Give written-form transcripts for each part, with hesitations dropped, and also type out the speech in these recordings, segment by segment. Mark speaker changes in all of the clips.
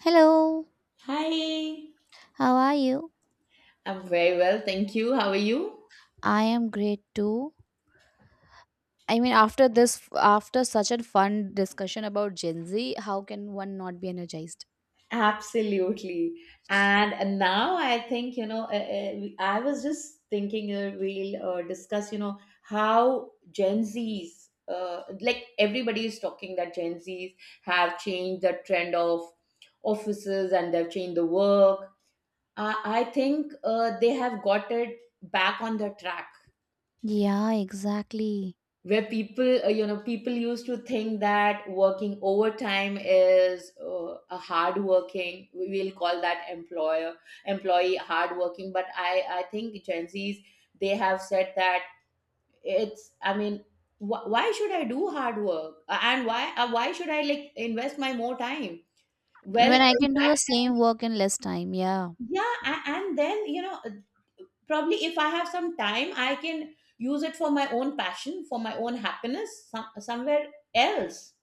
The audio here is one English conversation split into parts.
Speaker 1: Hello,
Speaker 2: Hi.
Speaker 1: how are you?
Speaker 2: I'm very well, thank you. How are you?
Speaker 1: I am great too. I mean, after such a fun discussion about Gen Z, how can one not be energized?
Speaker 2: Absolutely. And now I think, you know, I was just thinking we'll discuss, you know, how Gen Zs, like everybody is talking that Gen Zs have changed the trend of offices and they've changed the work. I think they have got it back on the track.
Speaker 1: Yeah, exactly.
Speaker 2: Where people you know, people used to think that working overtime is a hard working, we will call that employer employee hard working. But I think Gen Z's, they have said that it's, I mean, why should I do hard work? And why should I like invest my more time? Well,
Speaker 1: When I
Speaker 2: in
Speaker 1: can do the
Speaker 2: fact,
Speaker 1: same work in less time, yeah.
Speaker 2: yeah, and then, you know, probably if I have some time I can use it for my own passion, for my own happiness, somewhere else.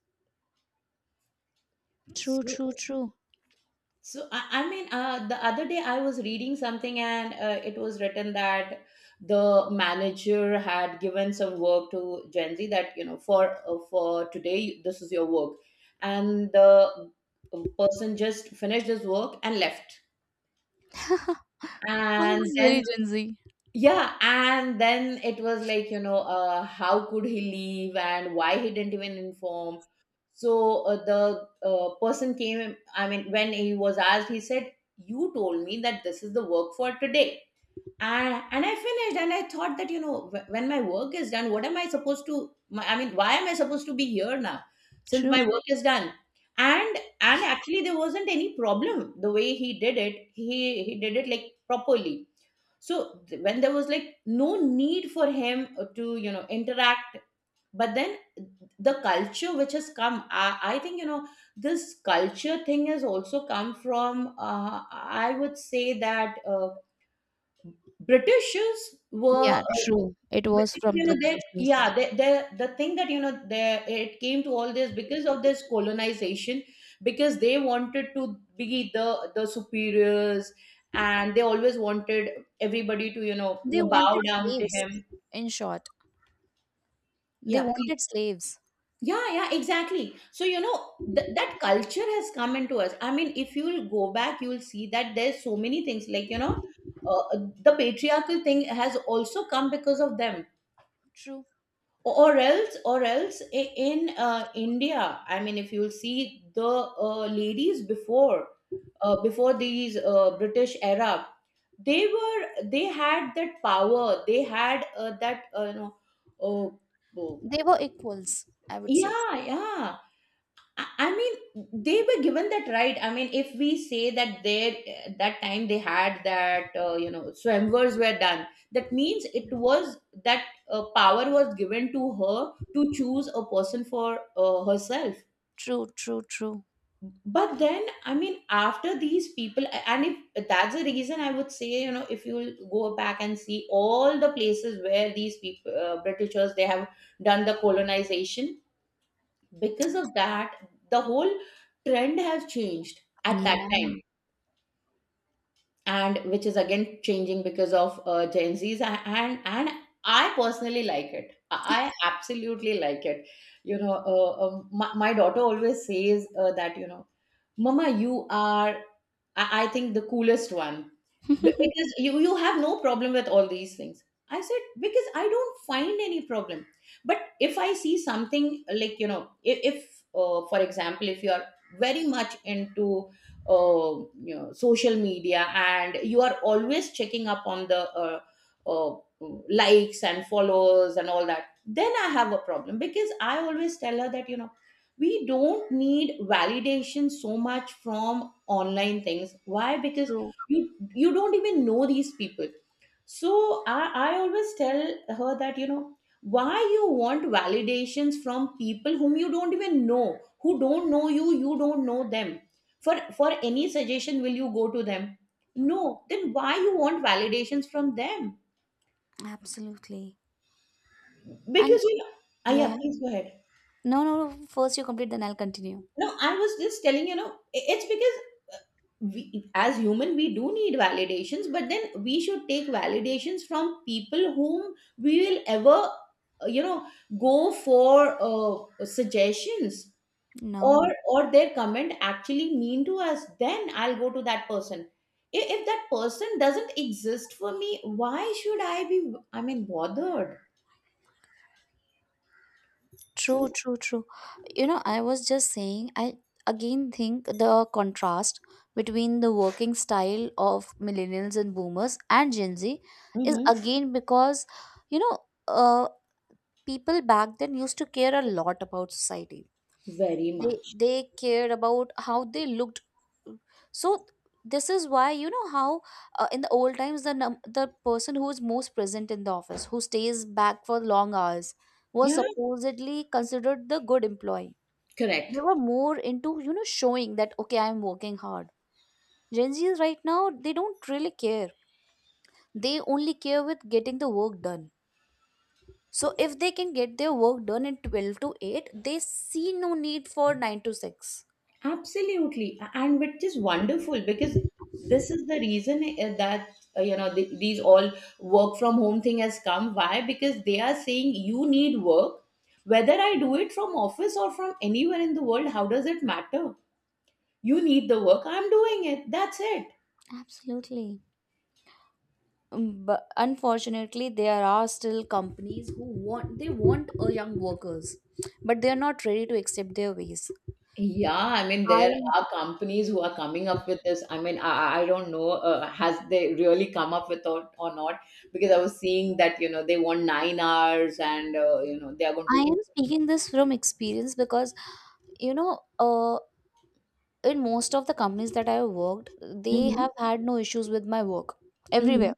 Speaker 1: True,
Speaker 2: So,
Speaker 1: true, true.
Speaker 2: so, I mean, the other day I was reading something and it was written that the manager had given some work to Gen Z that, you know, for today this is your work, and the person just finished his work and left. And
Speaker 1: Sounds
Speaker 2: then,
Speaker 1: very Gen Z.
Speaker 2: yeah, and then it was like, you know, how could he leave and why he didn't even inform. So the person came, I mean, when he was asked, he said, "You told me that this is the work for today. And I finished, and I thought that, you know, when my work is done, what am I supposed to, I mean, why am I supposed to be here now since my
Speaker 1: True.
Speaker 2: work is done?" And actually there wasn't any problem the way he did it. He did it like properly, so when there was like no need for him to, you know, interact. But then the culture which has come, I think, you know, this culture thing has also come from, I would say that Britishers were
Speaker 1: Yeah, true. It was
Speaker 2: because,
Speaker 1: from
Speaker 2: you know,
Speaker 1: the
Speaker 2: they,
Speaker 1: Britishers.
Speaker 2: yeah, they, the thing that, you know, they, it came to all this because of this colonization. Because they wanted to be the superiors, and they always wanted everybody to, you know,
Speaker 1: They
Speaker 2: bow
Speaker 1: wanted
Speaker 2: down to
Speaker 1: slaves,
Speaker 2: him.
Speaker 1: in short. They
Speaker 2: Yeah,
Speaker 1: wanted slaves.
Speaker 2: yeah, yeah, exactly. So, you know, that culture has come into us. I mean, if you'll go back, you'll see that there's so many things like, you know, uh, the patriarchal thing has also come because of them.
Speaker 1: True.
Speaker 2: Or else, in India, I mean, if you'll see the ladies before these British era, they had that power, they had that, uh, uh,
Speaker 1: They were equals, I would say.
Speaker 2: yeah, yeah. I mean, they were given that right. I mean, if we say that they that time they had that, you know, swimwers were done, that means it was that power was given to her to choose a person for herself.
Speaker 1: True, true, true.
Speaker 2: But then, I mean, after these people, and if that's the reason, I would say, you know, if you go back and see all the places where these people, Britishers, they have done the colonization, because of that the whole trend has changed at that
Speaker 1: Yeah.
Speaker 2: time. And which is again changing because of Gen Z's. And I personally like it. I absolutely like it. You know, my daughter always says that, you know, "Mama, you are, I think, the coolest one. Because you have no problem with all these things." I said, "Because I don't find any problem. But if I see something like, you know, if, for example, if you are very much into, uh, you know, social media, and you are always checking up on the uh, likes and follows and all that, then I have a problem." Because I always tell her that, you know, we don't need validation so much from online things. Why? Because
Speaker 1: True.
Speaker 2: you don't even know these people. So I always tell her that, you know, why you want validations from people whom you don't even know, who don't know you, you don't know them. For any suggestion, will you go to them? No. Then why you want validations from them?
Speaker 1: Absolutely.
Speaker 2: Because,
Speaker 1: And
Speaker 2: you know.
Speaker 1: yeah,
Speaker 2: Yeah,
Speaker 1: yeah.
Speaker 2: please go ahead.
Speaker 1: No, no, no. First you complete, then I'll continue.
Speaker 2: No, I was just telling, you know, it's because we as human we do need validations. But then we should take validations from people whom we will ever, you know, go for suggestions.
Speaker 1: No.
Speaker 2: Or their comment actually mean to us, then I'll go to that person. If that person doesn't exist for me, why should I be, I mean, bothered?
Speaker 1: True,
Speaker 2: So.
Speaker 1: true, true. You know, I was just saying, I again think the contrast between the working style of millennials and boomers and Gen Z is
Speaker 2: Mhm.
Speaker 1: again because, you know, uh, people back then used to care a lot about society.
Speaker 2: Very
Speaker 1: they
Speaker 2: much.
Speaker 1: they cared about how they looked. So this is why, you know, how in the old times, the person who is most present in the office, who stays back for long hours, was
Speaker 2: Yeah.
Speaker 1: supposedly considered the good employee. They
Speaker 2: Correct.
Speaker 1: were more into, you know, showing that, okay, I'm working hard. Gen Z's right now, they don't really care. They only care with getting the work done. So if they can get their work done in 12 to 8, they see no need for 9 to 6.
Speaker 2: Absolutely. And which is wonderful, because this is the reason that you know, these all work from home thing has come. Why? Because they are saying you need work, whether I do it from office or from anywhere in the world. How does it matter? You need the work. I'm doing it. That's it.
Speaker 1: Absolutely. But unfortunately, there are still companies who want a young workers, but they are not ready to accept their ways.
Speaker 2: Yeah, I mean, there
Speaker 1: i
Speaker 2: are companies who are coming up with this. I mean, I don't know, has they really come up with or not? Because I was seeing that, you know, they want 9 hours and, you know, they are going
Speaker 1: i
Speaker 2: to.
Speaker 1: am speaking this from experience, because, you know, in most of the companies that I have worked, they
Speaker 2: Mhm.
Speaker 1: have had no issues with my work. everywhere
Speaker 2: Mhm.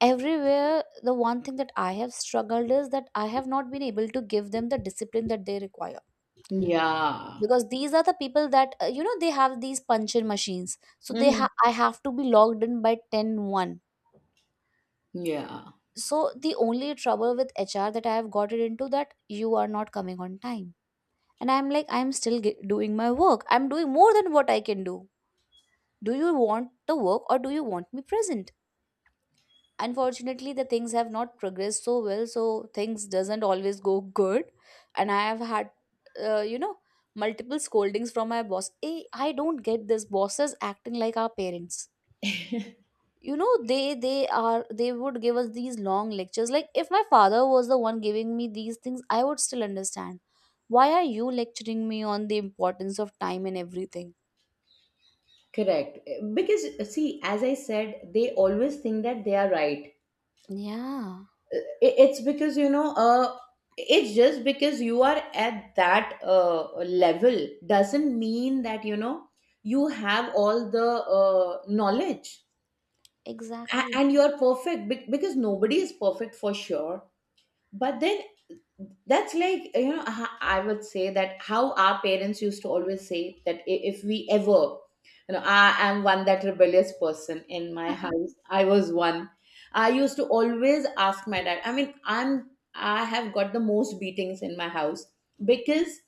Speaker 1: everywhere the one thing that I have struggled is that I have not been able to give them the discipline that they require,
Speaker 2: Yeah.
Speaker 1: because these are the people that, you know, they have these puncher machines, so
Speaker 2: Hmm.
Speaker 1: I have to be logged in by ten one.
Speaker 2: Yeah,
Speaker 1: So the only trouble with HR that I have gotten into, that you are not coming on time. And I'm like, I'm still doing my work, I'm doing more than what I can do. Do you want the work or do you want me present? Unfortunately, the things have not progressed so well, so things doesn't always go good. And I have had, you know, multiple scoldings from my boss. Hey, I don't get this, bosses acting like our parents. You know, they would give us these long lectures. Like, if my father was the one giving me these things, I would still understand. Why are you lecturing me on the importance of time and everything?
Speaker 2: correct. Because see, as I said, they always think that they are right.
Speaker 1: Yeah,
Speaker 2: It's because, you know, it's just because you are at that level doesn't mean that, you know, you have all the knowledge.
Speaker 1: exactly.
Speaker 2: And you are perfect, because nobody is perfect for sure. But then that's like, you know, I would say that how our parents used to always say that, if we ever, you know, I am one that rebellious person in my house. I was one. I used to always ask my dad. I mean, I have got the most beatings in my house because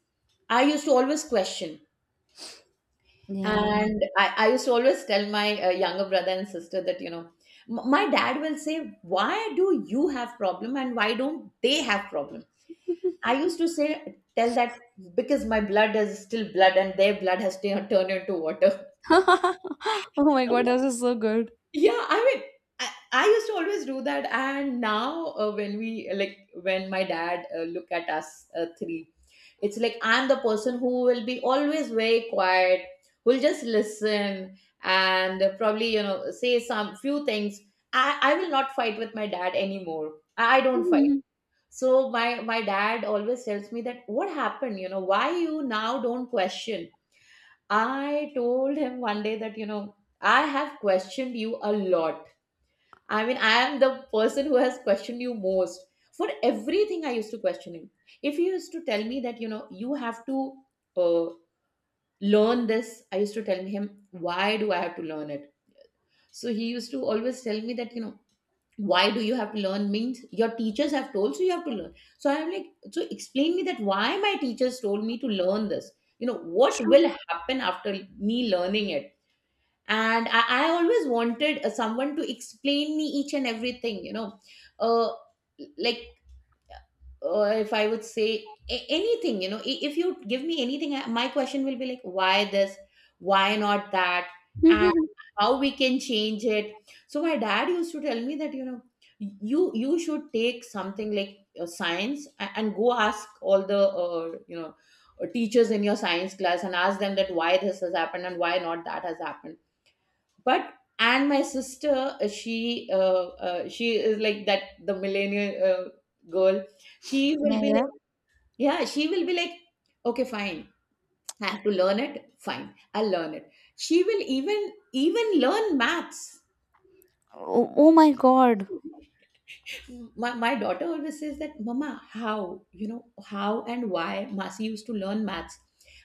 Speaker 2: I used to always question.
Speaker 1: Yeah.
Speaker 2: And I used to always tell my younger brother and sister that, you know, my dad will say, "Why do you have problem and why don't they have problem?" I used to say, tell that because my blood is still blood and their blood has turned into water.
Speaker 1: Oh my god,
Speaker 2: So,
Speaker 1: this is so good.
Speaker 2: yeah, I mean, I used to always do that. And now, when we like, when my dad look at us three, it's like I'm the person who will be always very quiet, who'll just listen, and probably, you know, say some few things. I will not fight with my dad anymore. I don't fight. So my dad always tells me that, "What happened? You know, why you now don't question?" I told him one day that, you know, I have questioned you a lot. I mean, I am the person who has questioned you most. For everything, I used to question him. If he used to tell me that, you know, you have to, uh, learn this, I used to tell him, "Why do I have to learn it?" So he used to always tell me that, you know, why do you have to learn means your teachers have told, so you have to learn. So I'm like, so explain me that why my teachers told me to learn this. You know what
Speaker 1: True.
Speaker 2: will happen after me learning it. And I always wanted someone to explain me each and everything, you know, uh, like, if I would say anything, you know, if you give me anything, my question will be like, why this? Why not that? And how we can change it? So my dad used to tell me that, you know, you should take something like science and go ask all the teachers in your science class and ask them that why this has happened and why not that has happened. But and my sister, she is like that, the millennial girl. She will
Speaker 1: Yeah,
Speaker 2: be
Speaker 1: yeah.
Speaker 2: like, yeah, she will be like, okay, fine, I have to learn it, fine, I'll learn it. She will even learn maths.
Speaker 1: Oh my god.
Speaker 2: My daughter always says that, mama, how, you know, how and why masi used to learn maths.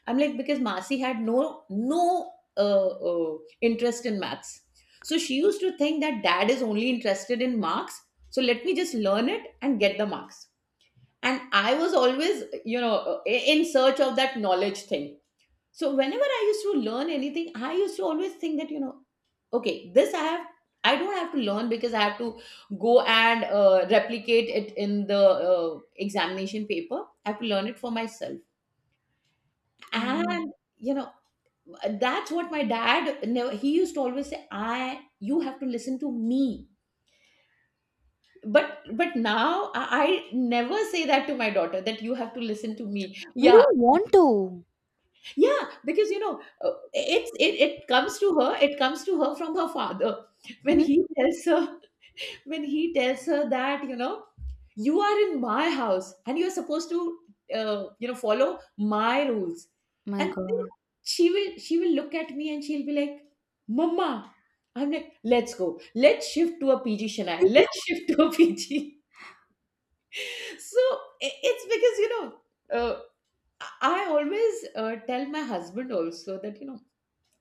Speaker 2: I'm like, because masi had no interest in maths, so she used to think that dad is only interested in marks, so let me just learn it and get the marks. And I was always, you know, in search of that knowledge thing. So whenever I used to learn anything, I used to always think that, you know, okay, this I have, I don't have to learn because I have to go and replicate it in the examination paper, I have to learn it for myself.
Speaker 1: Mm.
Speaker 2: And you know, that's what my dad, never he used to always say, I, you have to listen to me, but but now I never say that to my daughter, that you have to listen to me.
Speaker 1: We
Speaker 2: Yeah.
Speaker 1: don't want to.
Speaker 2: Yeah, because you know, uh, it's it comes to her, it comes to her from her father, when he tells her, when he tells her that, you know, you are in my house and you are supposed to, you know, follow my rules.
Speaker 1: My
Speaker 2: And then
Speaker 1: god.
Speaker 2: she will, she will look at me and she'll be like, mama. I'm like, let's go, let's shift to a PG, Shania, let's shift to a PG. So it's because you know, uh, I always tell my husband also that, you know,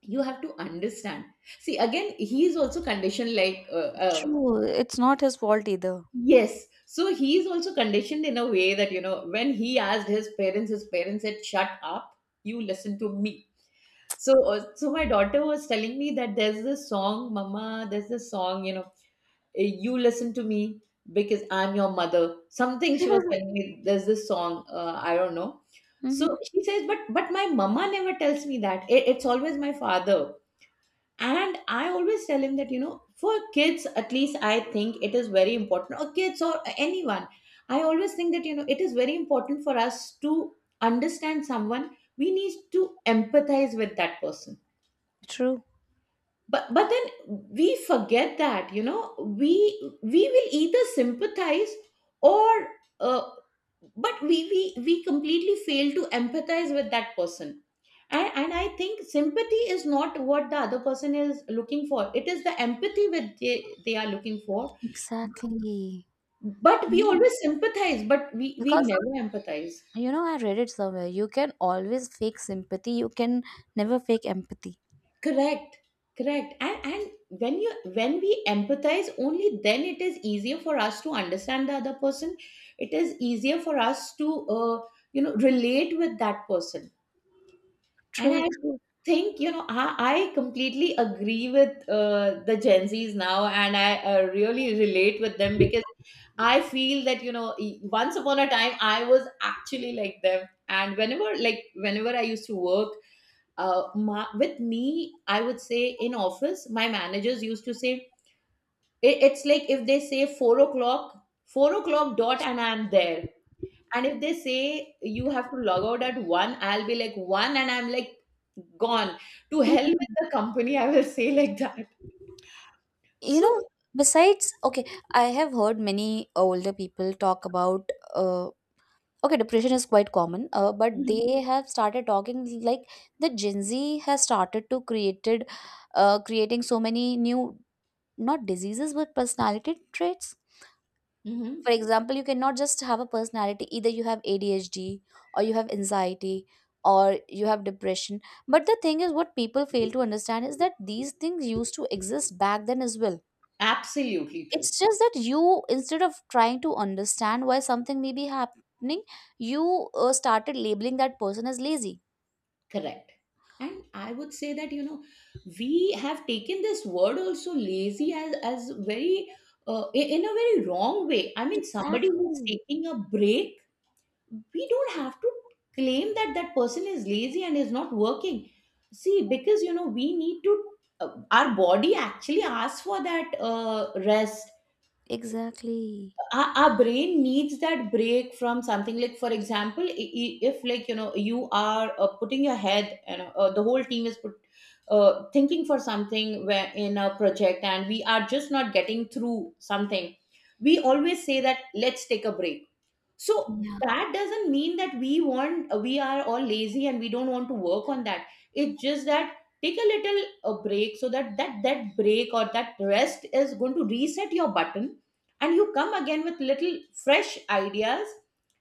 Speaker 2: you have to understand. See, again, he is also conditioned like
Speaker 1: True. It's not his fault either.
Speaker 2: yes. So he is also conditioned in a way that, you know, when he asked his parents said, shut up, you listen to me. So, so my daughter was telling me that, there's this song, mama, there's this song, you know, eh, you listen to me because I'm your mother. Something she was telling me, there's this song, I don't know.
Speaker 1: Mm-hmm.
Speaker 2: So she says, but my mama never tells me that. It's always my father. And I always tell him that, you know, for kids, at least I think it is very important, or kids or anyone, I always think that, you know, it is very important for us to understand someone, we need to empathize with that person.
Speaker 1: True.
Speaker 2: But then we forget that, you know, we will either sympathize or uh, but we completely fail to empathize with that person. And I think sympathy is not what the other person is looking for, it is the empathy which they are looking for.
Speaker 1: Exactly.
Speaker 2: But
Speaker 1: You
Speaker 2: we
Speaker 1: know,
Speaker 2: always sympathize, but we
Speaker 1: because,
Speaker 2: never empathize.
Speaker 1: I read it somewhere. You can always fake sympathy. You can never fake empathy.
Speaker 2: Correct. Correct. And when you, when we empathize, only then it is easier for us to understand the other person. It is easier for us to, you know, relate with that person. And
Speaker 1: True,
Speaker 2: I
Speaker 1: true.
Speaker 2: think, you know, I completely agree with the Gen Zs now, and I really relate with them because I feel that, you know, once upon a time, I was actually like them. And whenever, like, whenever I used to work, with me, I would say in office, my managers used to say, it's like if they say 4 o'clock, 4 o'clock dot, and I'm there. And if they say you have to log out at one, I'll be like one, and I'm like gone. To hell with the company, I will say like that.
Speaker 1: You
Speaker 2: So,
Speaker 1: know, besides, okay, I have heard many older people talk about, okay, depression is quite common, but
Speaker 2: mhm.
Speaker 1: they have started talking like the Gen Z has started to created creating so many new, not diseases, but personality traits.
Speaker 2: Mhm.
Speaker 1: For example, you cannot just have a personality; either you have ADHD, or you have anxiety, or you have depression. But the thing is, what people fail to understand is that these things used to exist back then as well.
Speaker 2: Absolutely true.
Speaker 1: It's just that you, instead of trying to understand why something may be happening, you started labeling that person as lazy.
Speaker 2: Correct. And I would say that, you know, we have taken this word also, lazy, as very in a very wrong way. I mean, somebody who's
Speaker 1: Exactly,
Speaker 2: taking a break, we don't have to claim that that person is lazy and is not working. See, because you know, we need to, our body actually asks for that rest.
Speaker 1: exactly.
Speaker 2: Our brain needs that break from something, like for example, if like, you know, you are putting your head, you know, the whole team is put, thinking for something, where in a project, and we are just not getting through something, we always say that let's take a break. So
Speaker 1: Yeah,
Speaker 2: that doesn't mean that we want, we are all lazy and we don't want to work on that. It's just that take a little break, so that that break or that rest is going to reset your button and you come again with little fresh ideas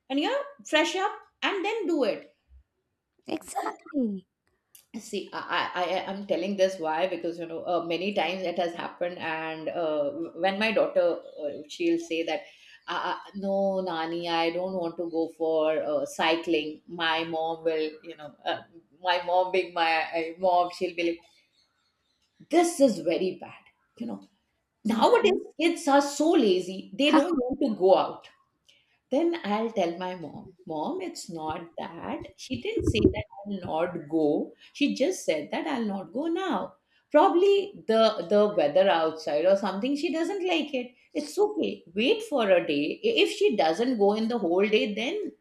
Speaker 2: and you know, fresh up and then do it.
Speaker 1: exactly.
Speaker 2: See, am telling this why, because you know, many times it has happened, and when my daughter, she'll say that, no, Nani, I don't want to go for cycling. My mom will, you know, my mom being my mom, she'll be like, this is very bad. You know,
Speaker 1: Yeah.
Speaker 2: nowadays kids are so lazy, they
Speaker 1: Huh.
Speaker 2: don't want to go out. Then I'll tell my mom, mom, it's not that, she didn't say that I'll not go, she just said that I'll not go now. Probably the weather outside or something, she doesn't like it. It's okay, wait for a day. If she doesn't go in the whole day, then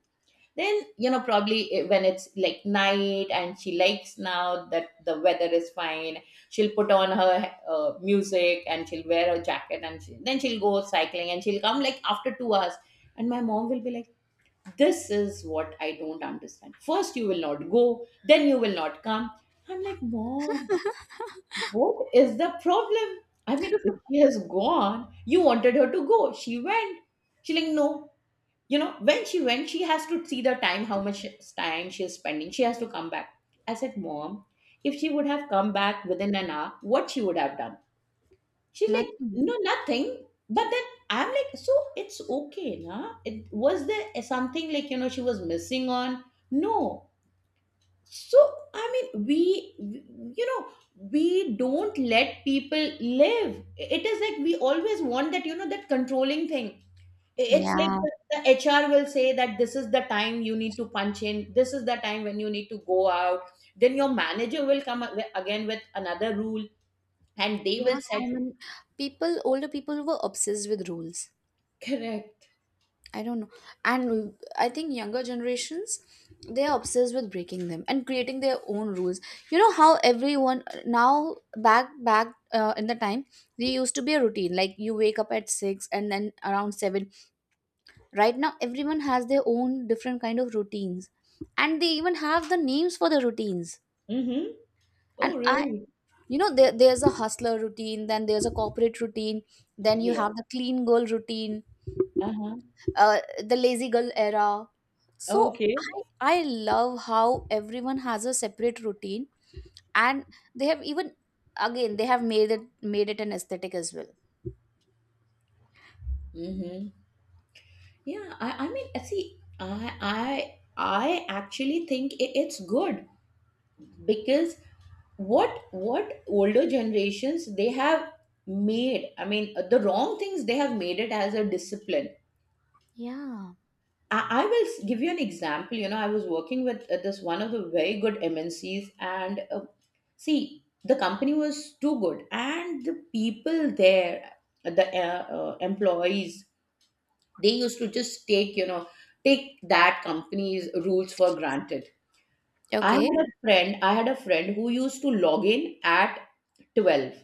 Speaker 2: you know, probably eh, when it's like night and she likes now that the weather is fine, she'll put on her music and she'll wear her jacket and then she'll go cycling and she'll come like after 2 hours. And my mom will be like, this is what I don't understand, first you will not go, then you will not come. I'm like, mom, what is the problem? I mean, if she has gone, you wanted her to go, she went. She's like, no, you know, when she went she has to see the time, how much time she is spending, she has to come back. I said, mom, if she would have come back within an hour, what she would have done? She's like,
Speaker 1: Nothing.
Speaker 2: no, nothing. But then I'm like, so it's okay na, it was, there something like, you know, she was missing on, no. So I mean, you know, we don't let people live, it is like we always want that, you know, that controlling thing. It's like
Speaker 1: Yeah,
Speaker 2: the HR will say that this is the time you need to punch in, this is the time when you need to go out. Then your manager will come again with another rule and they
Speaker 1: there are
Speaker 2: will set.
Speaker 1: so many people older people who were obsessed with rules.
Speaker 2: Correct.
Speaker 1: I don't know. And I think younger generations, they are obsessed with breaking them and creating their own rules. You know how everyone now, back in the time, there used to be a routine like you wake up at six and then around seven. Right now, everyone has their own different kind of routines, and they even have the names for the routines.
Speaker 2: Mm-hmm.
Speaker 1: And
Speaker 2: Oh,
Speaker 1: I,
Speaker 2: really?
Speaker 1: you know, there, there's a hustler routine, then there's a corporate routine, then you
Speaker 2: Yeah.
Speaker 1: have the clean girl routine,
Speaker 2: Uh-huh.
Speaker 1: uh, the lazy girl era. So
Speaker 2: Okay.
Speaker 1: I love how everyone has a separate routine, and they have even, again, they have made it an aesthetic as well.
Speaker 2: Mm-hmm. Yeah, I mean, see, I actually think it's good because what older generations they have made. I mean, the wrong things they have made it as a discipline.
Speaker 1: Yeah.
Speaker 2: I will give you an example. You know, I was working with this, one of the very good MNCs, and see, the company was too good, and the people there, the employees, they used to just take, you know, take that company's rules for granted. I
Speaker 1: Okay.
Speaker 2: had a friend, I had a friend who used to log in at 12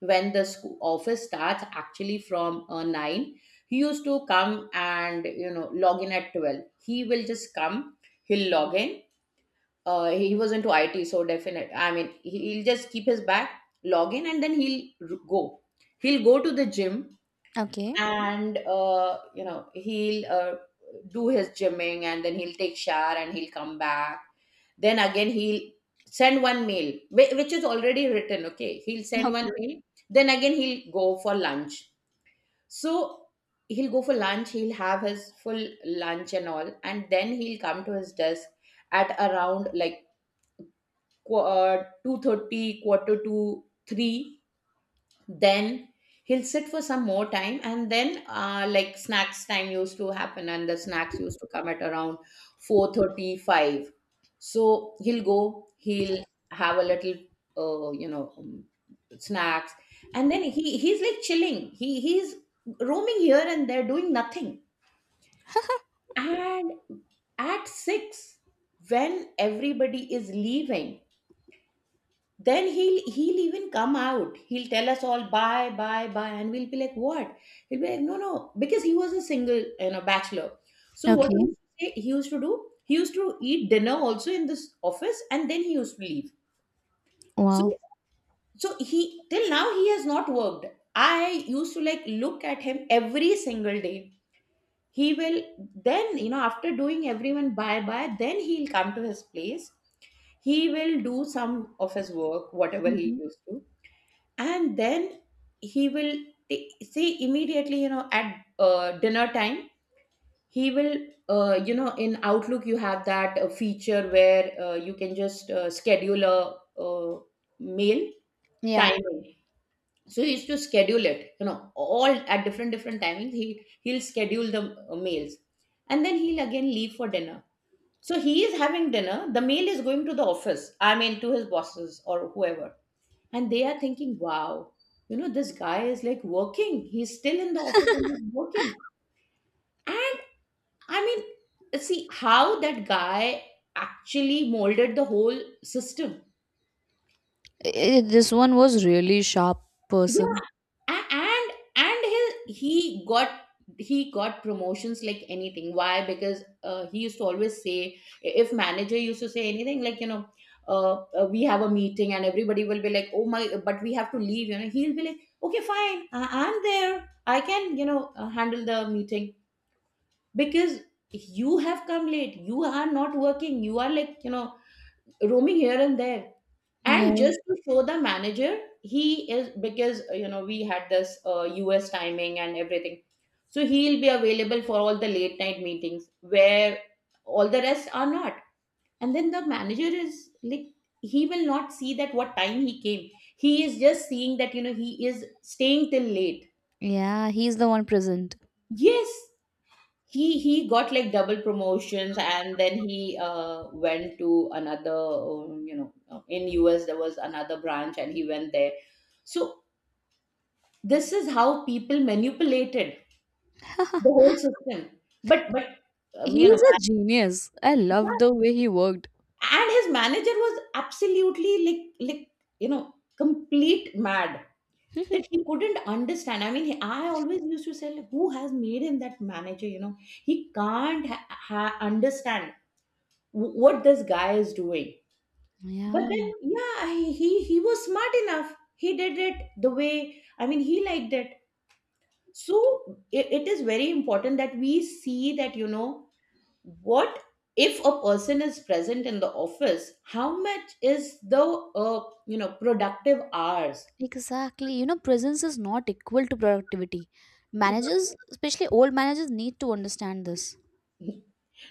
Speaker 2: when the school office starts actually from 9. He used to come and, you know, log in at 12. He will just come, he'll log in. He was into IT, so definite. I mean, he'll just keep his bag, log in, and then he'll go. He'll go to the gym
Speaker 1: Okay.
Speaker 2: and you know, he'll do his gymming and then he'll take shower and he'll come back. Then again he'll send one mail which is already written, okay, he'll send one
Speaker 1: Okay.
Speaker 2: mail. Then again he'll go for lunch. So he'll go for lunch, he'll have his full lunch and all, and then he'll come to his desk at around like 2:30, quarter to 3. Then he'll sit for some more time, and then like snacks time used to happen, and the snacks used to come at around 4:35. So he'll go, he'll have a little, uh, you know um, snacks, and then he's like chilling, he's roaming here and there, doing nothing. And at 6, when everybody is leaving, then he'll even come out, he'll tell us all bye bye bye, and we'll be like what. He'll be like, no no, because he was a single, you know, bachelor. So what he
Speaker 1: Okay.
Speaker 2: used to he used to do, he used to eat dinner also in this office, and then he used to leave. so
Speaker 1: Wow.
Speaker 2: so he till now he has not worked. I used to like look at him every single day. He will, then you know, after doing everyone bye bye, then he'll come to his place, he will do some of his work, whatever he
Speaker 1: Mhm.
Speaker 2: used to. And then he will, see, immediately, you know, at dinner time, he will, you know, in Outlook you have that feature where you can just schedule a meal
Speaker 1: Yeah.
Speaker 2: timing. So he used to schedule it, you know, all at different different timings, he he'll schedule the meals, and then he'll again leave for dinner. So he is having dinner, the mail is going to the office, I mean to his bosses or whoever, and they are thinking, wow, you know, this guy is like working, he's still in the office and he's working. And I mean, see how that guy actually molded the whole system.
Speaker 1: This one was really sharp
Speaker 2: Yeah.
Speaker 1: person.
Speaker 2: A- and and he got he got promotions like anything. Why? Because he used to always say, if manager used to say anything like, you know, uh, we have a meeting, and everybody will be like, oh my, but we have to leave, you know, he'll be like, okay fine, I'm there, I can, you know, handle the meeting. Because you have come late, you are not working, you are, like, you know, roaming here and there.
Speaker 1: Yeah.
Speaker 2: And just to show the manager he is, because you know, we had this US timing and everything, so he'll be available for all the late night meetings where all the rest are not. And then the manager is like, he will not see that what time he came, he is just seeing that, you know, he is staying till late.
Speaker 1: Yeah. He's the one present.
Speaker 2: Yes. He got like double promotions, and then he went to another you know, in US there was another branch, and he went there. So this is how people manipulated the whole system. But you know,
Speaker 1: He's a genius. I
Speaker 2: manager,
Speaker 1: loved the way he worked.
Speaker 2: and his manager was absolutely like, you know, complete mad, that he couldn't understand. I mean, I always used to say, like, who has made him that manager? You know, he can't understand what this guy is doing. But
Speaker 1: Yeah.
Speaker 2: then, yeah, he was smart enough. He did it the way, I mean, he liked it. So it is very important that we see that, you know, what, if a person is present in the office, how much is the uh, you know, productive hours.
Speaker 1: Exactly. You know, presence is not equal to productivity. Managers, especially old managers, need to understand this.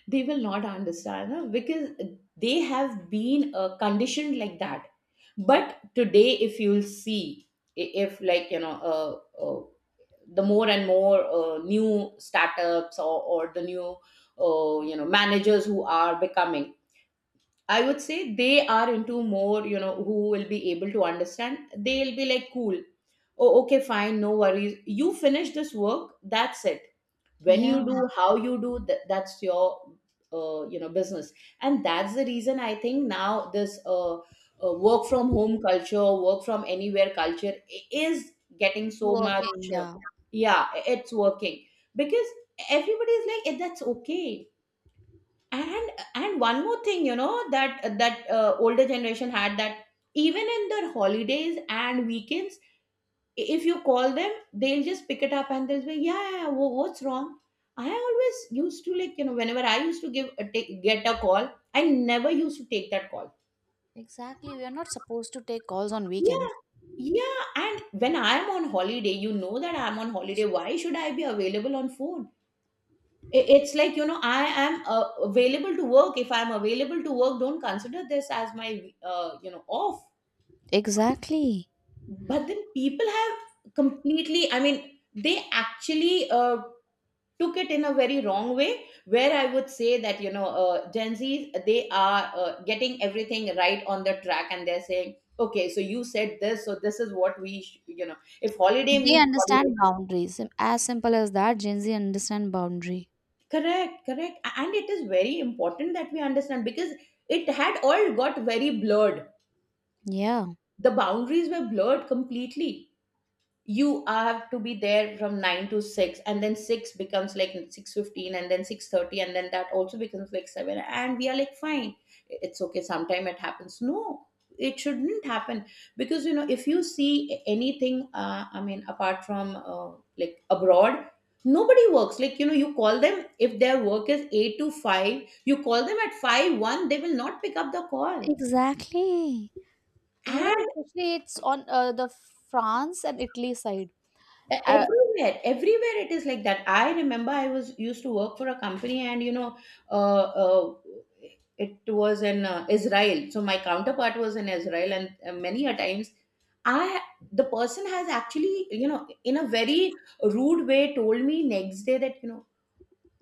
Speaker 2: They will not understand, huh? Because they have been conditioned like that. But today, if you'll see, if, like, you know, the more and more new startups, or the new you know, managers who are becoming, I would say they are into more, you know, who will be able to understand. They'll be like, cool. Oh, okay, fine, no worries. You finish this work, that's it. When you
Speaker 1: Yeah.
Speaker 2: do, how you do, that's your, you know, business. And that's the reason I think now this work from home culture, work from anywhere culture is getting so much.
Speaker 1: Working,
Speaker 2: uh,
Speaker 1: yeah.
Speaker 2: Yeah, it's working, because everybody is like, "Eh, that's okay." And one more thing, you know, that older generation had, that even in their holidays and weekends, if you call them, they'll just pick it up and they'll say, yeah, yeah, what's wrong. I always used to, like, you know, whenever I used to get a call, I never used to take that call.
Speaker 1: Exactly. We are not supposed to take calls on weekends.
Speaker 2: Yeah. Yeah, and when I'm on holiday, you know that I'm on holiday, why should I be available on phone? It's like, you know, I am available to work, if I'm available to work, don't consider this as my you know, off.
Speaker 1: Exactly.
Speaker 2: But then people have completely, I mean, they actually took it in a very wrong way, where I would say that, you know, Gen Z's, they are getting everything right on the track, and they're saying, okay, so you said this, so this is what we you know, if holiday
Speaker 1: They
Speaker 2: means holiday.
Speaker 1: understand boundaries. As simple as that, Gen Z understand boundary.
Speaker 2: Correct, correct. And it is very important that we understand, because it had all got very blurred.
Speaker 1: Yeah.
Speaker 2: The boundaries were blurred completely. You have to be there from 9 to 6, and then 6 becomes like 6:15, and then 6:30, and then that also becomes like 7, and we are like, fine, it's okay, sometime it happens, no, it shouldn't happen. Because, you know, if you see anything, I mean, apart from like abroad, nobody works like, you know, you call them, if their work is 8 to 5, you call them at 5 1, they will not pick up the call.
Speaker 1: Exactly. You know, especially it's on the France and Italy side. Uh,
Speaker 2: Everywhere, everywhere it is like that. I remember I was used to work for a company, and you know, uh, uh, it was in Israel, so my counterpart was in Israel, and many a times, I, the person has actually, you know, in a very rude way told me next day that, you know,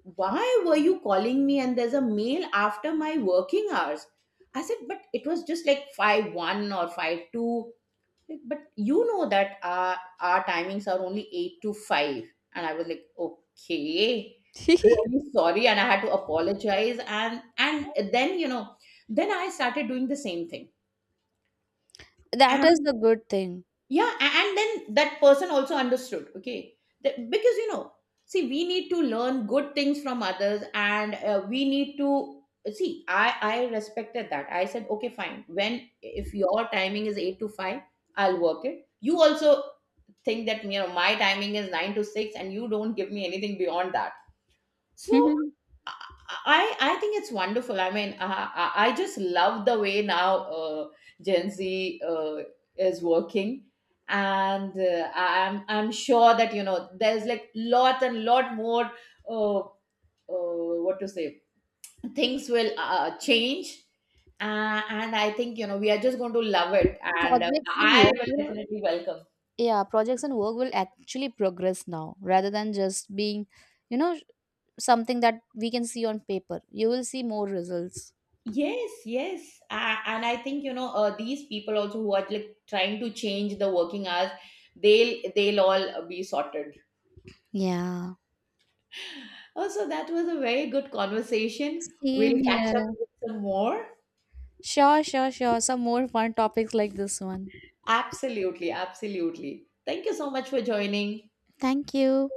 Speaker 2: why were you calling me, and there's a mail after my working hours. I said, but it was just like 5 1 or 5 2. Like, but you know that our timings are only 8 to 5. And I was like, okay, really sorry. And I had to apologize. And then, you know, then I started doing the same thing.
Speaker 1: that is
Speaker 2: And
Speaker 1: the good thing.
Speaker 2: yeah, and then that person also understood, okay. That- because you know, see, we need to learn good things from others, and we need to, see, I respected that. I said, okay fine, when, if your timing is 8 to 5, I'll work it, you also think that, you know, my timing is 9 to 6, and you don't give me anything beyond that. So I I think it's wonderful. I mean, I just love the way now Gen Z is working, and I'm sure that, you know, there's like lot and lot more uh, what to say, things will change. And I think, you know, we are just going to love it, and
Speaker 1: Projects and
Speaker 2: I
Speaker 1: work
Speaker 2: will
Speaker 1: will.
Speaker 2: definitely welcome.
Speaker 1: Yeah, projects and work will actually progress now, rather than just being, you know, something that we can see on paper. You will see more results.
Speaker 2: Yes, yes. And I think, you know, these people also who are like trying to change the working hours, they'll all be sorted.
Speaker 1: Yeah,
Speaker 2: Oh, so that was a very good conversation. We'll
Speaker 1: same
Speaker 2: catch up
Speaker 1: here.
Speaker 2: with some more.
Speaker 1: Sure, sure, sure, some more fun topics like this one.
Speaker 2: Absolutely, absolutely. Thank you so much for joining.
Speaker 1: Thank you.